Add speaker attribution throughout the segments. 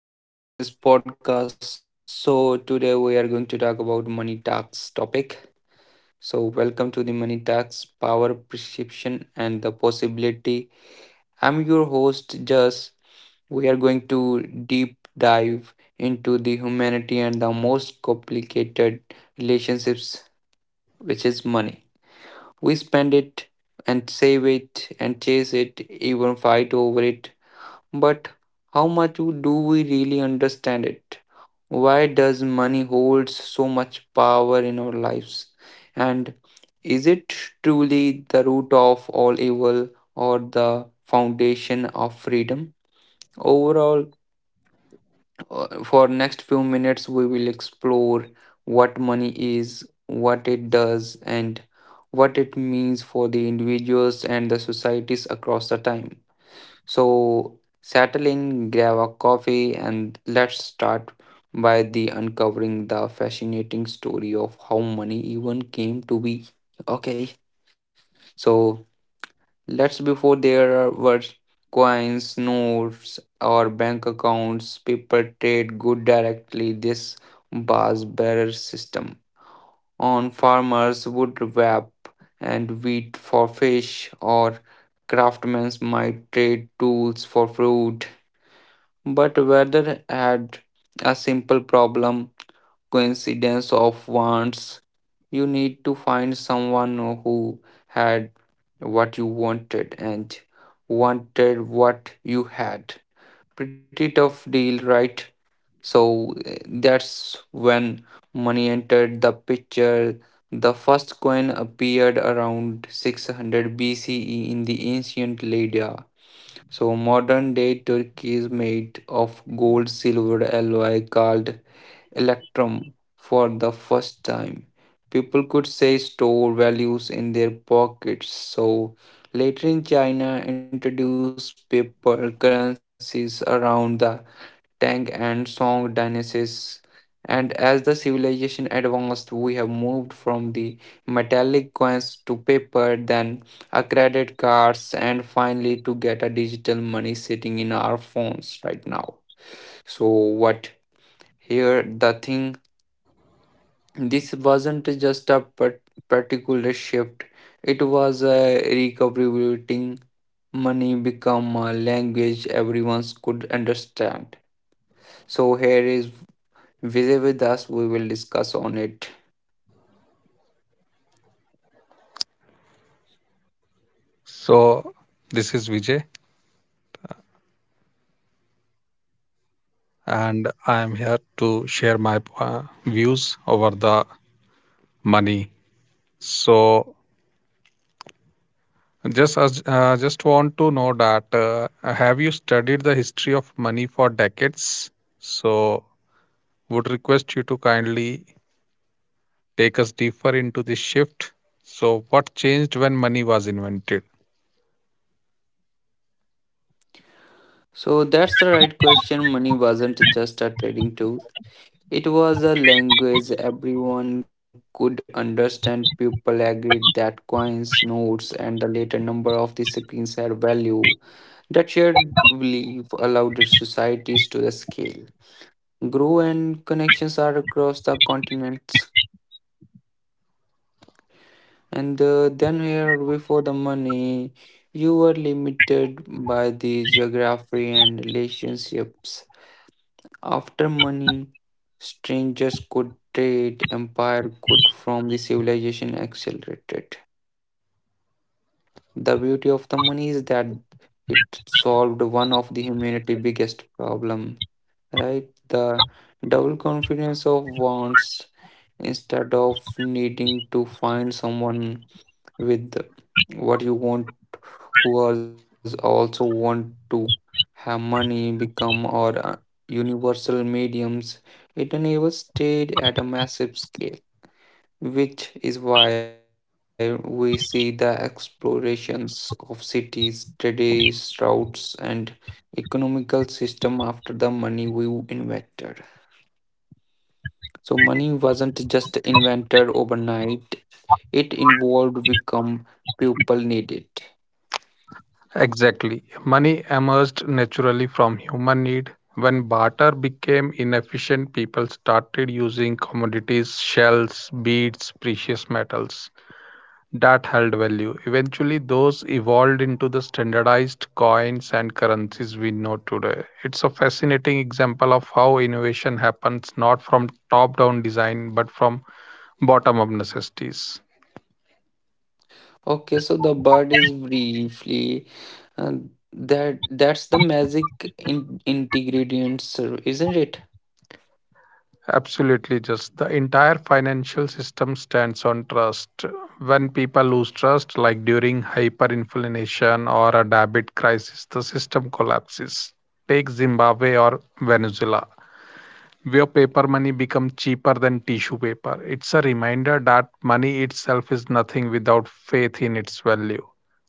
Speaker 1: So, hey guys, welcome in this podcast. So, today we are going to talk about money tax topic. So, welcome to the money tax power perception and the possibility. I'm your host, Jas. We are going to deep dive into the humanity and the most complicated relationships, which is money. We spend it and save it and chase it, even fight over it. But how much do we really understand it? Why does money hold so much power in our lives? And is it truly the root of all evil or the foundation of freedom? Overall, for next few minutes we will explore what money is, what it does and what it means for the individuals and the societies across the time. So settle in, grab a coffee, and let's start by the uncovering the fascinating story of how money even came to be. Okay, so let's before there were coins, notes, or bank accounts, people trade good directly this bass bearer system. On farmers would wrap and wheat for fish or craftsmen might trade tools for fruit, but Werther had a simple problem, coincidence of wants. You need to find someone who had what you wanted and wanted what you had. Pretty tough deal, right? So that's when money entered the picture. The first coin appeared around 600 BCE in the ancient Lydia. So modern day Turkey is made of gold silver alloy called electrum for the first time. People could say store values in their pockets. So later in China introduced paper currencies around the Tang and Song dynasties. And as the civilization advanced, we have moved from the metallic coins to paper, then a credit cards, and finally to get a digital money sitting in our phones right now. So what here the thing, this wasn't just a particular shift, it was a recalibrating, money become a language everyone could understand. So here is Vijay with us, we will discuss on it.
Speaker 2: So, this is Vijay, and I am here to share my views over the money. So, just want to know that have you studied the history of money for decades? So, would request you to kindly take us deeper into this shift. So, what changed when money was invented?
Speaker 1: So that's the right question. Money wasn't just a trading tool. It was a language everyone could understand. People agreed that coins, notes, and the later number of the screens had value. That shared belief allowed societies to the scale, grow, and connections are across the continents. And then here before the money, you were limited by the geography and relationships. After money, strangers could trade, empire could from the civilization accelerated. The beauty of the money is that it solved one of the humanity biggest problem, right? The double confidence of wants, instead of needing to find someone with what you want who else also want to have, money become or universal mediums, it enables stayed at a massive scale, which is why we see the explorations of cities, trades routes, and economical system after the money we invented. So money wasn't just invented overnight, it involved become, people needed.
Speaker 2: Exactly. Money emerged naturally from human need. When barter became inefficient, people started using commodities, shells, beads, precious metals that held value. Eventually, those evolved into the standardized coins and currencies we know today. It's a fascinating example of how innovation happens not from top down design but from bottom up necessities.
Speaker 1: Okay, so the bird is briefly, uh, that's the magic in ingredients, isn't it?
Speaker 2: Absolutely, just the entire financial system stands on trust. When people lose trust, like during hyperinflation or a debit crisis, the system collapses. Take Zimbabwe or Venezuela, where paper money becomes cheaper than tissue paper. It's a reminder that money itself is nothing without faith in its value.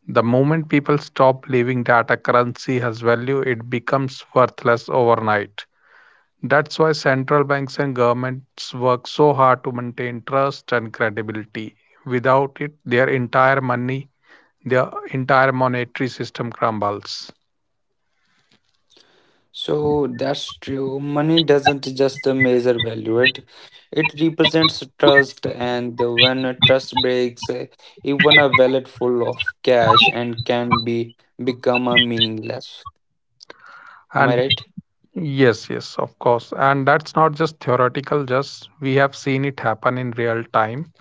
Speaker 2: The moment people stop believing that a currency has value, it becomes worthless overnight. That's why central banks and governments work so hard to maintain trust and credibility. Without it, their entire monetary system crumbles.
Speaker 1: So that's true. Money doesn't just measure value, it represents trust, and when a trust breaks, even a wallet full of cash and can be become a meaningless. Am I
Speaker 2: And
Speaker 1: right?
Speaker 2: yes, yes, of course. And that's not just theoretical, just we have seen it happen in real time.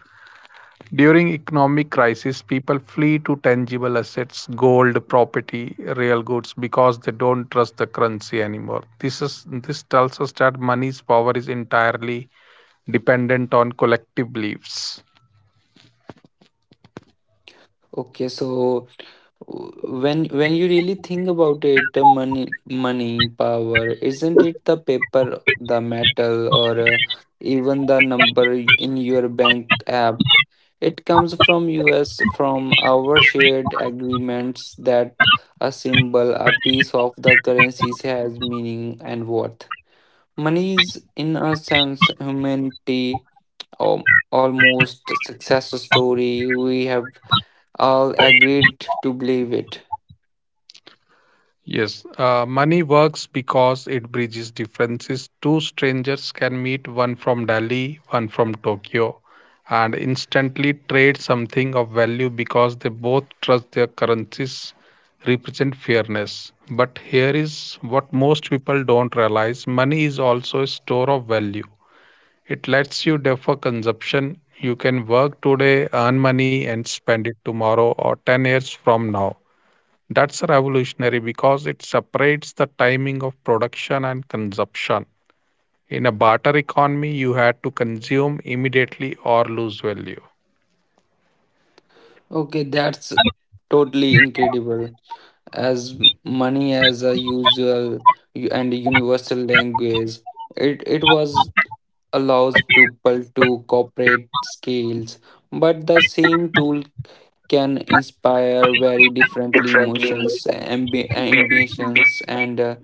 Speaker 2: During economic crisis, people flee to tangible assets, gold, property, real goods because they don't trust the currency anymore. This tells us that money's power is entirely dependent on collective beliefs.
Speaker 1: Okay, so when you really think about it, the money power isn't it the paper, the metal, or even the number in your bank app. It comes from us, from our shared agreements that a symbol, a piece of the currency has meaning and worth. Money is in a sense humanity um, almost success story, we have all agreed to believe it.
Speaker 2: Yes, money works because it bridges differences. Two strangers can meet, one from Delhi, one from Tokyo, and instantly trade something of value because they both trust their currencies represent fairness. But here is what most people don't realize money is also a store of value. It lets you defer consumption. You can work today, earn money, and spend it tomorrow or 10 years from now. That's revolutionary because it separates the timing of production and consumption. In a barter economy, you had to consume immediately or lose value.
Speaker 1: Okay, that's totally incredible. As money as a usual and universal language, it was allows people to cooperate skills, but the same tool can inspire very differently
Speaker 2: Differently.
Speaker 1: emotions, ambitions, and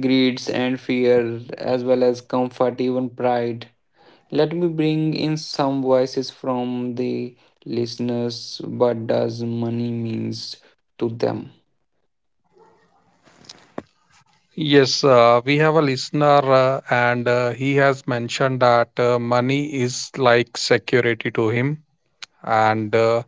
Speaker 1: greeds and fear, as well as comfort, even pride. Let me bring in some voices from the listeners. What does money means to them?
Speaker 2: Yes, we have a listener, and he has mentioned that money is like security to him. And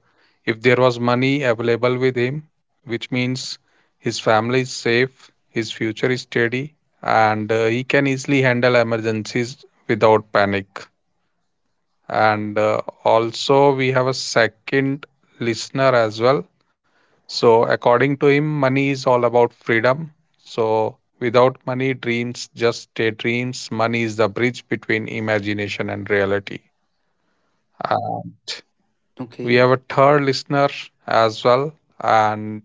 Speaker 2: if there was money available with him, which means his family is safe, his future is steady, and he can easily handle emergencies without panic. And also, we have a second listener as well. So, according to him, money is all about freedom. So, without money, dreams just stay dreams. Money is the bridge between imagination and reality. Uh,
Speaker 1: Okay,
Speaker 2: We have a third listener as well, and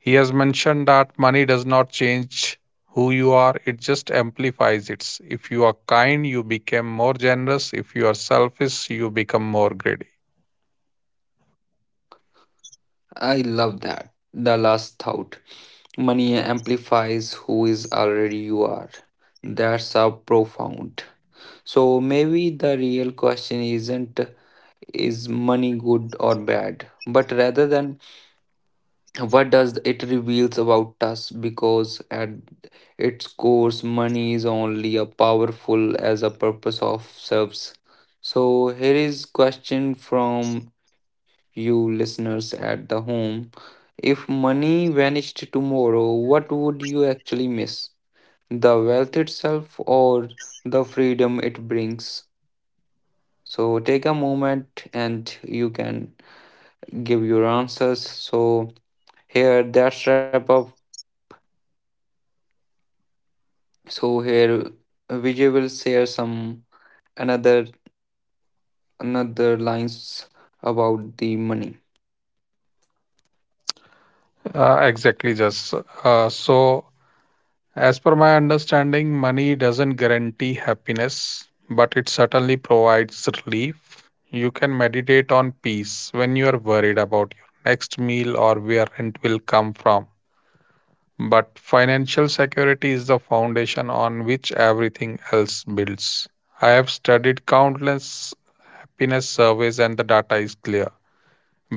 Speaker 2: he has mentioned that money does not change who you are, it just amplifies it. If you are kind, you become more generous. If you are selfish, you become more greedy.
Speaker 1: I love that. The last thought. Money amplifies who is already you are. That's a profound. So maybe the real question isn't is money good or bad, but rather than what does it reveals about us, because at its core money is only a powerful as a purpose of serves. So here is question from you listeners at the home, if money vanished tomorrow, what would you actually miss, the wealth itself or the freedom it brings? So take a moment and you can give your answers. So here that's wrap up. So here Vijay will share some another another lines about the money.
Speaker 2: Exactly, just so. As per my understanding, money doesn't guarantee happiness, but it certainly provides relief. You can meditate on peace when you are worried about your next meal or where rent will come from. But financial security is the foundation on which everything else builds. I have studied countless happiness surveys, and the data is clear.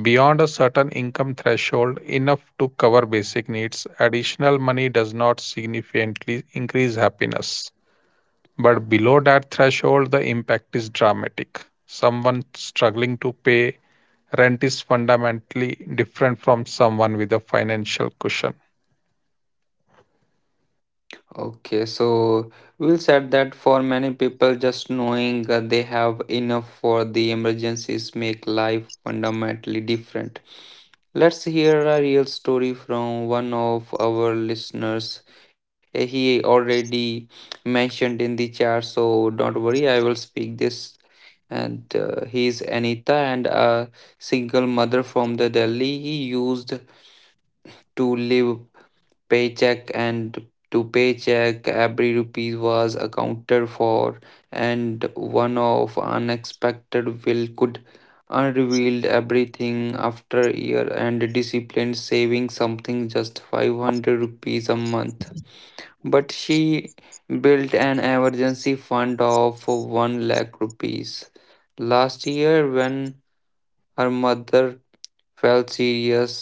Speaker 2: Beyond a certain income threshold, enough to cover basic needs, additional money does not significantly increase happiness. But below that threshold, the impact is dramatic. Someone struggling to pay rent is fundamentally different from someone with a financial cushion.
Speaker 1: Okay, so we'll said that for many people, just knowing that they have enough for the emergencies make life fundamentally different. Let's hear a real story from one of our listeners. He already mentioned in the chat, so don't worry, I will speak this. And he is Anita and a single mother from the Delhi. He used to live paycheck and to paycheck, every rupee was accounted for, and one of unexpected will could unrevealed everything after year and disciplined saving something just 500 rupees a month. But she built an emergency fund of 1 lakh rupees. Last year, when her mother fell serious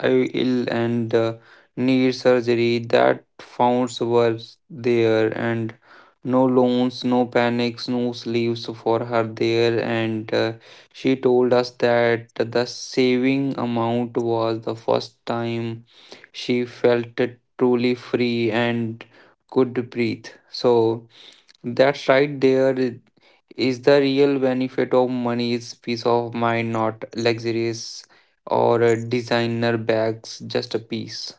Speaker 1: I ill and need surgery. That funds were there and no loans, no panics, no sleeves for her there. And she told us that the saving amount was the first time she felt truly free and could breathe. So that's right there, is the real benefit of money is peace of mind, not luxurious or designer bags, just a piece.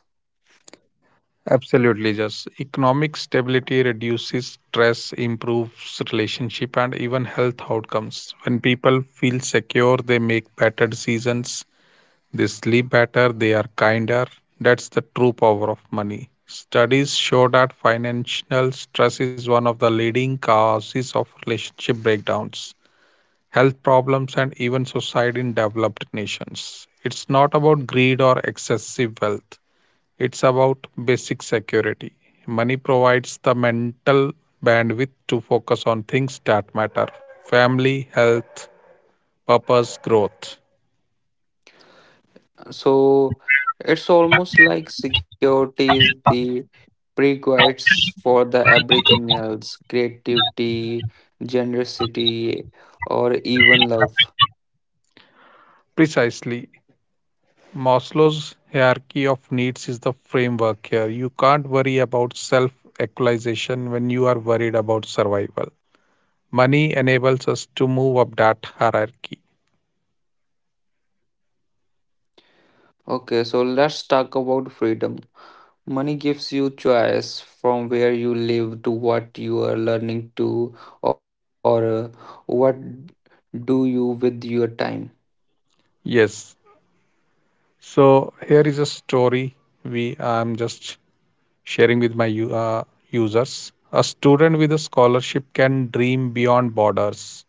Speaker 2: Absolutely, just economic stability reduces stress, improves relationship and even health outcomes. When people feel secure, they make better decisions, they sleep better, they are kinder. That's the true power of money. Studies show that financial stress is one of the leading causes of relationship breakdowns, health problems, and even suicide in developed nations. It's not about greed or excessive wealth. It's about basic security. Money provides the mental bandwidth to focus on things that matter family, health, purpose, growth.
Speaker 1: So it's almost like security is the prerequisites for the everything else, creativity, generosity, or even love.
Speaker 2: Precisely. Maslow's hierarchy of needs is the framework here. You can't worry about self actualization when you are worried about survival. Money enables us to move up that hierarchy.
Speaker 1: Okay, so let's talk about freedom. Money gives you choice from where you live to what you are learning to, or what do you with your time.
Speaker 2: Yes. So here is a story we I'm just sharing with my users. A student with a scholarship can dream beyond borders.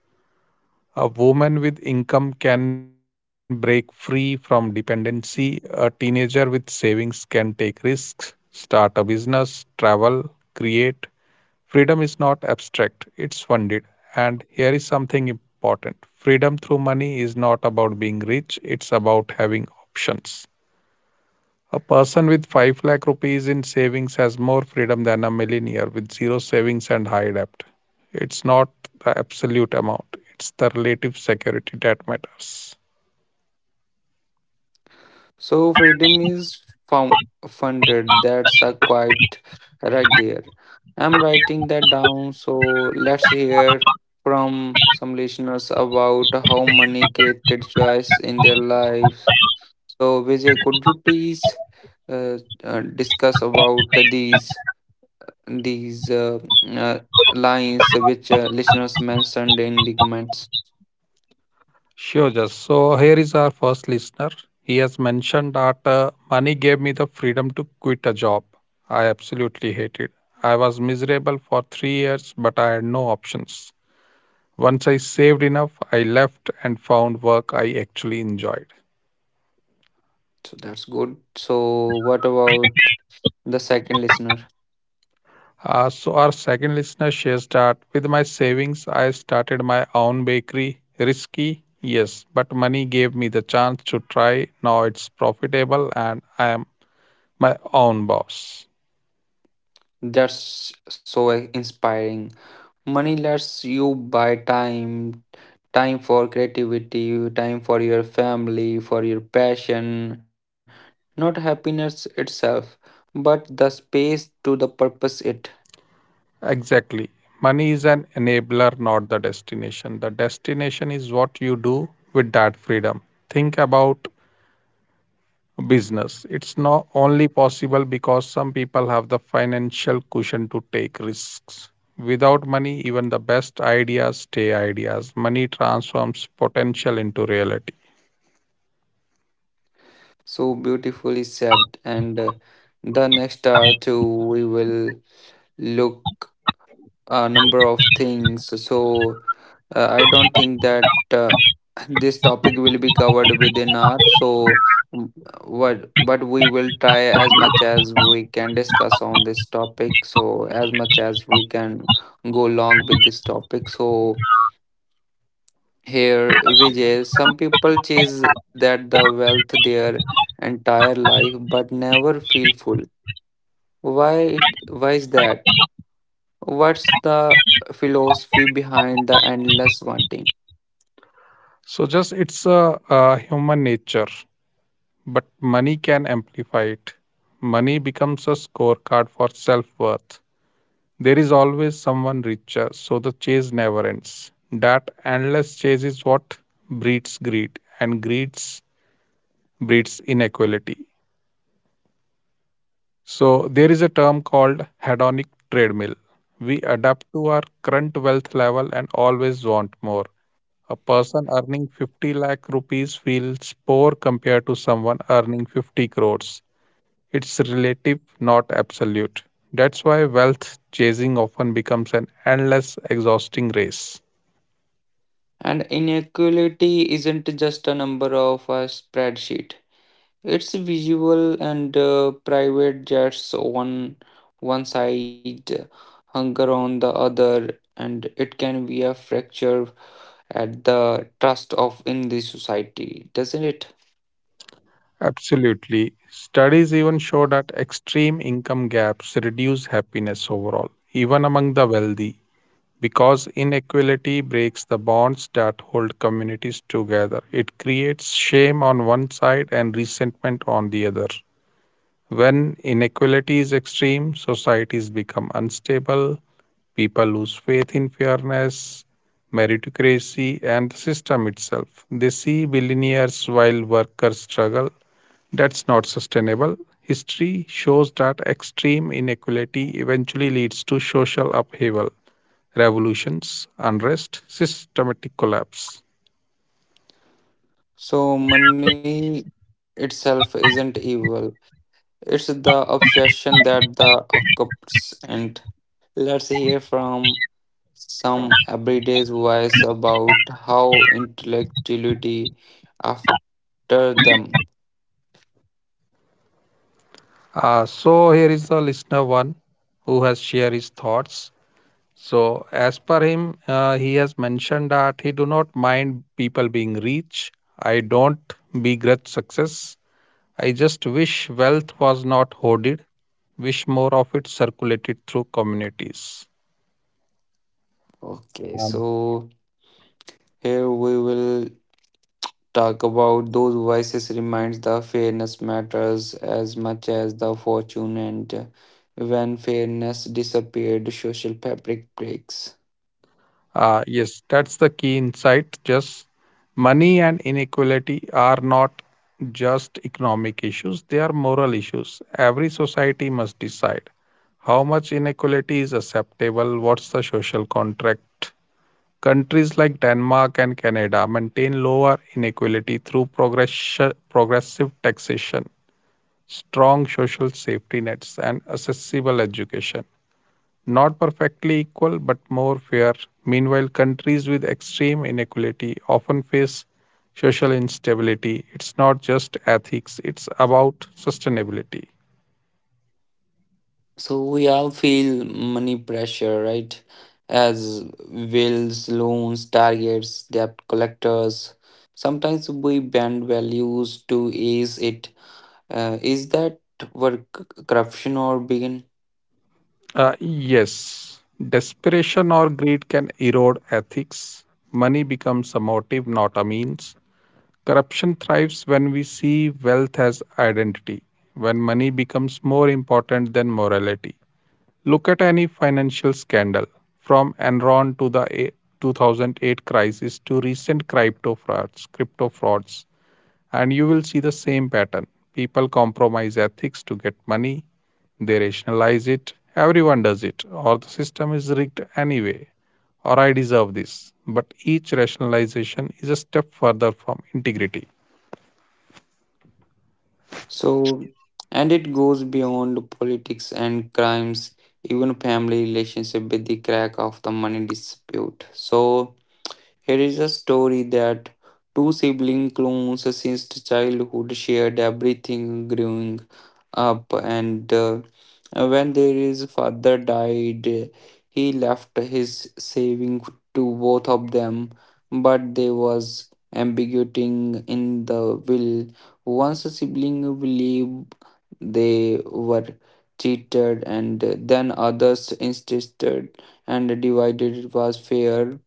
Speaker 2: A woman with income can break free from dependency. A teenager with savings can take risks, start a business, travel, create. Freedom is not abstract, it's funded. And here is something important freedom through money is not about being rich, it's about having options. A person with 5 lakh rupees in savings has more freedom than a millionaire with zero savings and high debt. It's not the absolute amount, it's the relative security that matters.
Speaker 1: So freedom is found, funded. That's a quite right there. I'm writing that down. So let's hear from some listeners about how money created choice in their lives. So Vijay, could you please uh, discuss about these? These uh, lines which listeners mentioned in the comments.
Speaker 2: Sure, just so here is our first listener. He has mentioned that money gave me the freedom to quit a job. I absolutely hated. I was miserable for 3 years, but I had no options. Once I saved enough, I left and found work I actually enjoyed.
Speaker 1: So that's good. So what about the second listener?
Speaker 2: So, our second listener shares that with my savings, I started my own bakery. Risky, yes, but money gave me the chance to try. Now it's profitable and I am my own boss.
Speaker 1: That's so inspiring. Money lets you buy time, time for creativity, time for your family, for your passion, not happiness itself, but the space to the purpose it.
Speaker 2: Exactly. Money is an enabler, not the destination. The destination is what you do with that freedom. Think about business. It's not only possible because some people have the financial cushion to take risks. Without money, even the best ideas stay ideas. Money transforms potential into reality.
Speaker 1: So beautifully said. And the next hour too, we will look a number of things. So I don't think that this topic will be covered within our, so mm, what, but we will try as much as we can discuss on this topic, so as much as we can go long with this topic. So here Vijay, some people chase that the wealth their entire life but never feel full, why it, why is that? What's the philosophy behind the endless wanting?
Speaker 2: So just it's a human nature, but money can amplify it. Money becomes a scorecard for self worth. There is always someone richer, so the chase never ends. That endless chase is what breeds greed, and greed breeds inequality. So, there is a term called hedonic treadmill. We adapt to our current wealth level and always want more. A person earning 50 lakh rupees feels poor compared to someone earning 50 crores. It's relative, not absolute. That's why wealth chasing often becomes an endless, exhausting race.
Speaker 1: And inequality isn't just a number of a spreadsheet. It's visual and private jets on one side, hunger on the other, and it can be a fracture at the trust of in the society, doesn't it?
Speaker 2: Absolutely. Studies even show that extreme income gaps reduce happiness overall, even among the wealthy, because inequality breaks the bonds that hold communities together. It creates shame on one side and resentment on the other. When inequality is extreme, societies become unstable, people lose faith in fairness, meritocracy, and the system itself. They see billionaires while workers struggle that's not sustainable. History shows that extreme inequality eventually leads to social upheaval, revolutions, unrest, systematic collapse.
Speaker 1: So money itself isn't evil. It's the obsession that the occupies. And let's hear from some everyday voice about how intellectuality after them.
Speaker 2: So here is the listener one who has shared his thoughts. So as per him, he has mentioned that he do not mind people being rich. I don't begrudge success. I just wish wealth was not hoarded. Wish more of it circulated through communities.
Speaker 1: Okay,
Speaker 2: Um,
Speaker 1: so here we will talk about those voices reminds the fairness matters as much as the fortune, and when fairness disappeared social fabric breaks.
Speaker 2: yes, that's the key insight. Just money and inequality are not just economic issues, they are moral issues. Every society must decide how much inequality is acceptable, what's the social contract. Countries like Denmark and Canada maintain lower inequality through progressive taxation, strong social safety nets, and accessible education not perfectly equal but more fair. Meanwhile, countries with extreme inequality often face social instability. It's not just ethics, it's about sustainability.
Speaker 1: So we all feel money pressure, right? As wills, loans, targets, debt collectors. Sometimes we bend values to ease it. Is that where corruption or begin?
Speaker 2: Yes, desperation or greed can erode ethics. Money becomes a motive, not a means. Corruption thrives when we see wealth as identity, when money becomes more important than morality. Look at any financial scandal, from Enron to the 2008 crisis to recent crypto frauds, and you will see the same pattern. People compromise ethics to get money, they rationalize it, everyone does it, or the system is rigged anyway, or I deserve this. But each rationalization is a step further from integrity.
Speaker 1: So, and it goes beyond politics and crimes, even family relationship with the crack of the money dispute. So, here is a story that two sibling clones since childhood shared everything growing up, and when their father died, he left his saving to both of them, but there was ambiguity in the will. Once a sibling believed they were cheated, and then others insisted and divided it was fair.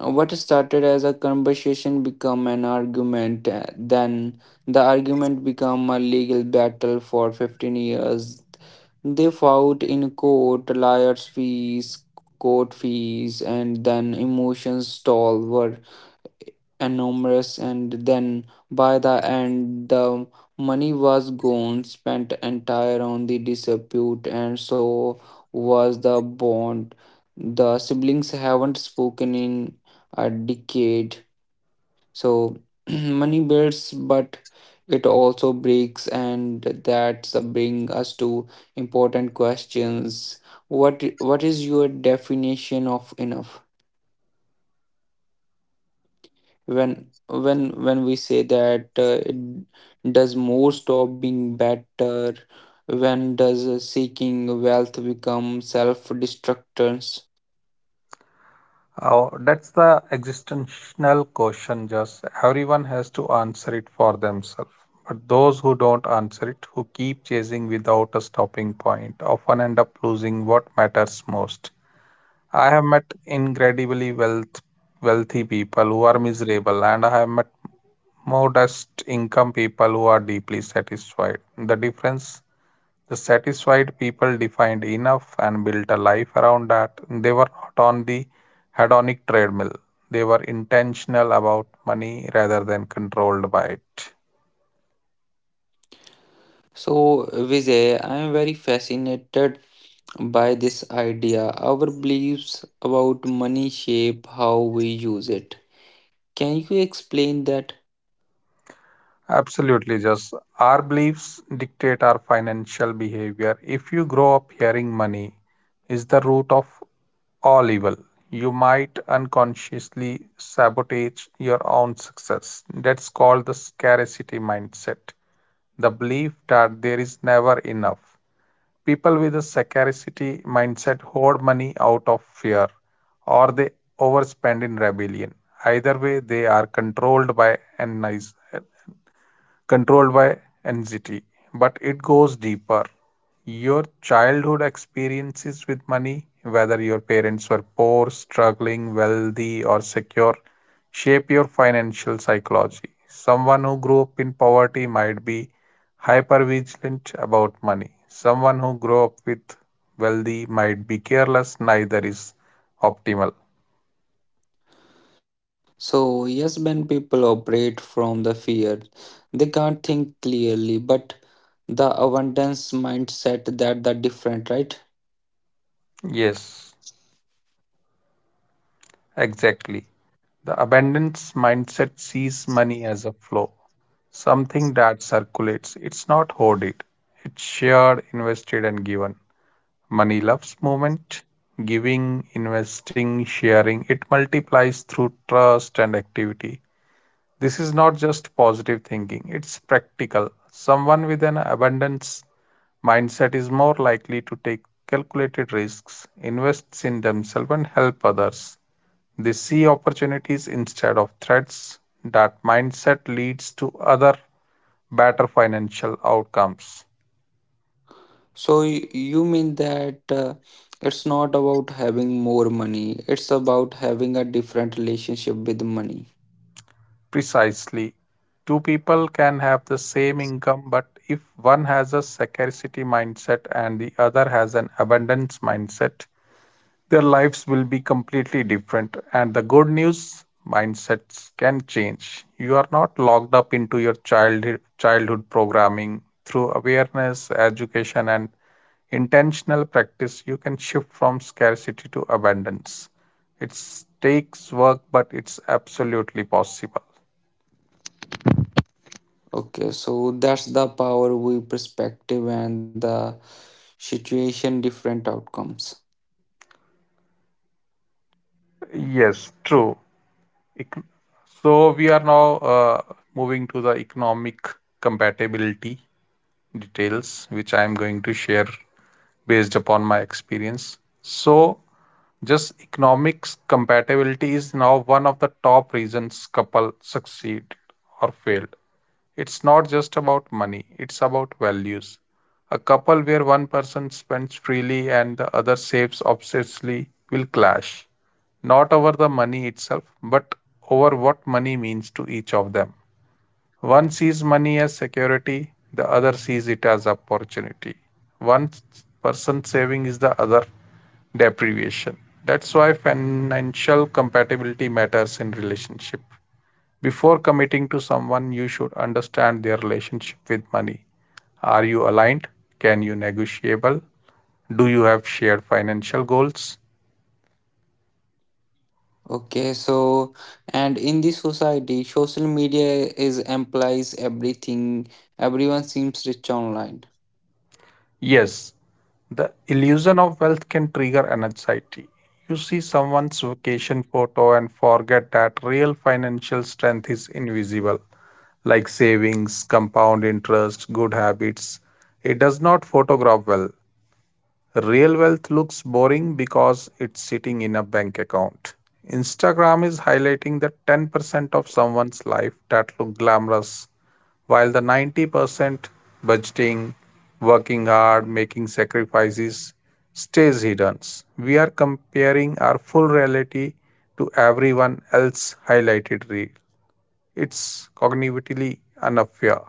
Speaker 1: What started as a conversation became an argument. Then the argument became a legal battle for 15 years. They fought in court, lawyers' fees, court fees, and then emotions toll were enormous, and then by the end the money was gone, spent entire on the dispute, and so was the bond. The siblings haven't spoken in a decade. So money builds but it also breaks, and that's bring us to important questions. What is your definition of enough? When we say that, it does more stop being better? When does seeking wealth become self destructance?
Speaker 2: Oh, that's the existential question, just everyone has to answer it for themselves. But those who don't answer it, who keep chasing without a stopping point, often end up losing what matters most. I have met incredibly wealthy people who are miserable, and I have met modest income people who are deeply satisfied. The difference the satisfied people defined enough and built a life around that. They were not on the hedonic treadmill. They were intentional about money rather than controlled by it.
Speaker 1: So Vijay, I am very fascinated by this idea, our beliefs about money shape how we use it. Can you explain that?
Speaker 2: Absolutely, just our beliefs dictate our financial behavior. If you grow up hearing money is the root of all evil, you might unconsciously sabotage your own success. That's called the scarcity mindset. The belief that there is never enough. People with a scarcity mindset hoard money out of fear or they overspend in rebellion. Either way, they are controlled by anxiety, but it goes deeper. Your childhood experiences with money, whether your parents were poor, struggling, wealthy, or secure, shape your financial psychology. Someone who grew up in poverty might be hypervigilant about money. Someone who grew up with wealthy might be careless, neither is optimal.
Speaker 1: So, yes, when people operate from the fear, they can't think clearly, but the abundance mindset, that different, right?
Speaker 2: Yes, exactly. The abundance mindset sees money as a flow, something that circulates. It's not hoarded, it's shared, invested, and given. Money loves movement, giving, investing, sharing. It multiplies through trust and activity. This is not just positive thinking, it's practical. Someone with an abundance mindset is more likely to take calculated risks, invests in themselves, and help others. They see opportunities instead of threats. That mindset leads to other better financial outcomes.
Speaker 1: So, you mean that it's not about having more money, it's about having a different relationship with money.
Speaker 2: Precisely. Two people can have the same income, but if one has a scarcity mindset and the other has an abundance mindset, their lives will be completely different. And the good news, mindsets can change. You are not locked up into your childhood programming. Through awareness, education, and intentional practice, you can shift from scarcity to abundance. It takes work, but it's absolutely possible.
Speaker 1: Okay, so that's the power we perspective and the situation different outcomes.
Speaker 2: Yes, true. So we are now uh, moving to the economic compatibility details, which I am going to share based upon my experience. So just economics compatibility is now one of the top reasons couple succeed or fail. It's not just about money, it's about values. A couple where one person spends freely and the other saves obsessively will clash, not over the money itself, but over what money means to each of them. One sees money as security, the other sees it as opportunity. One person saving is the other deprivation. That's why financial compatibility matters in relationship. Before committing to someone, you should understand their relationship with money. Are you aligned? Can you negotiable? Do you have shared financial goals?
Speaker 1: Okay, so and in this society, social media is implies everything. Everyone seems rich online.
Speaker 2: Yes, the illusion of wealth can trigger an anxiety. You see someone's vacation photo and forget that real financial strength is invisible, like savings, compound interest, good habits. It does not photograph well. Real wealth looks boring because it's sitting in a bank account. Instagram is highlighting the 10% of someone's life that look glamorous, while the 90% budgeting, working hard, making sacrifices stays hidden. We are comparing our full reality to everyone else's highlighted reel. It's cognitively unfair.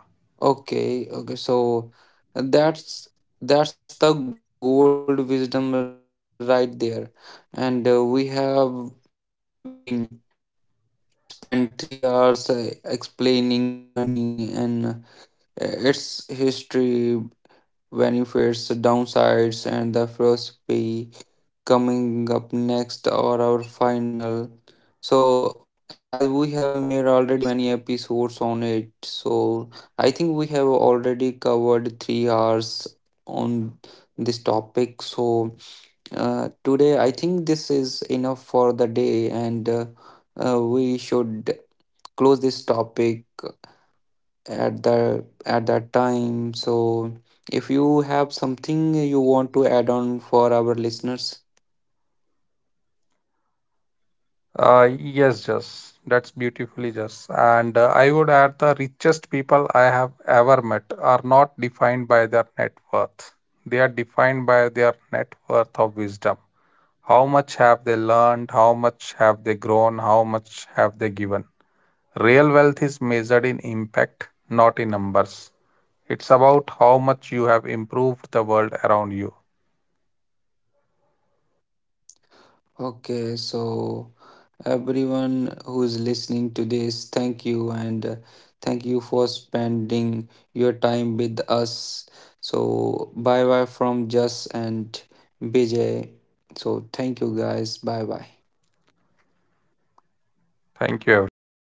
Speaker 1: Okay, okay, so that's that's the gold wisdom right there, and we have been spent 3 hours explaining money and its history, benefits, downsides, and the philosophy. Coming up next or our final. So, as we have made already many episodes on it, so I think we have already covered 3 hours on this topic. So, uh, today I think this is enough for the day, and we should close this topic at that time. So, if you have something you want to add on for our listeners.
Speaker 2: Yes, Jess, that's beautifully, Jess. And I would add the richest people I have ever met are not defined by their net worth. They are defined by their net worth of wisdom. How much have they learned? How much have they grown? How much have they given? Real wealth is measured in impact, not in numbers. It's about how much you have improved the world around you.
Speaker 1: Okay, so everyone who's listening to this, thank you and thank you for spending your time with us. So, bye bye from Just and BJ. So, thank you guys. Bye bye.
Speaker 2: Thank you, everyone.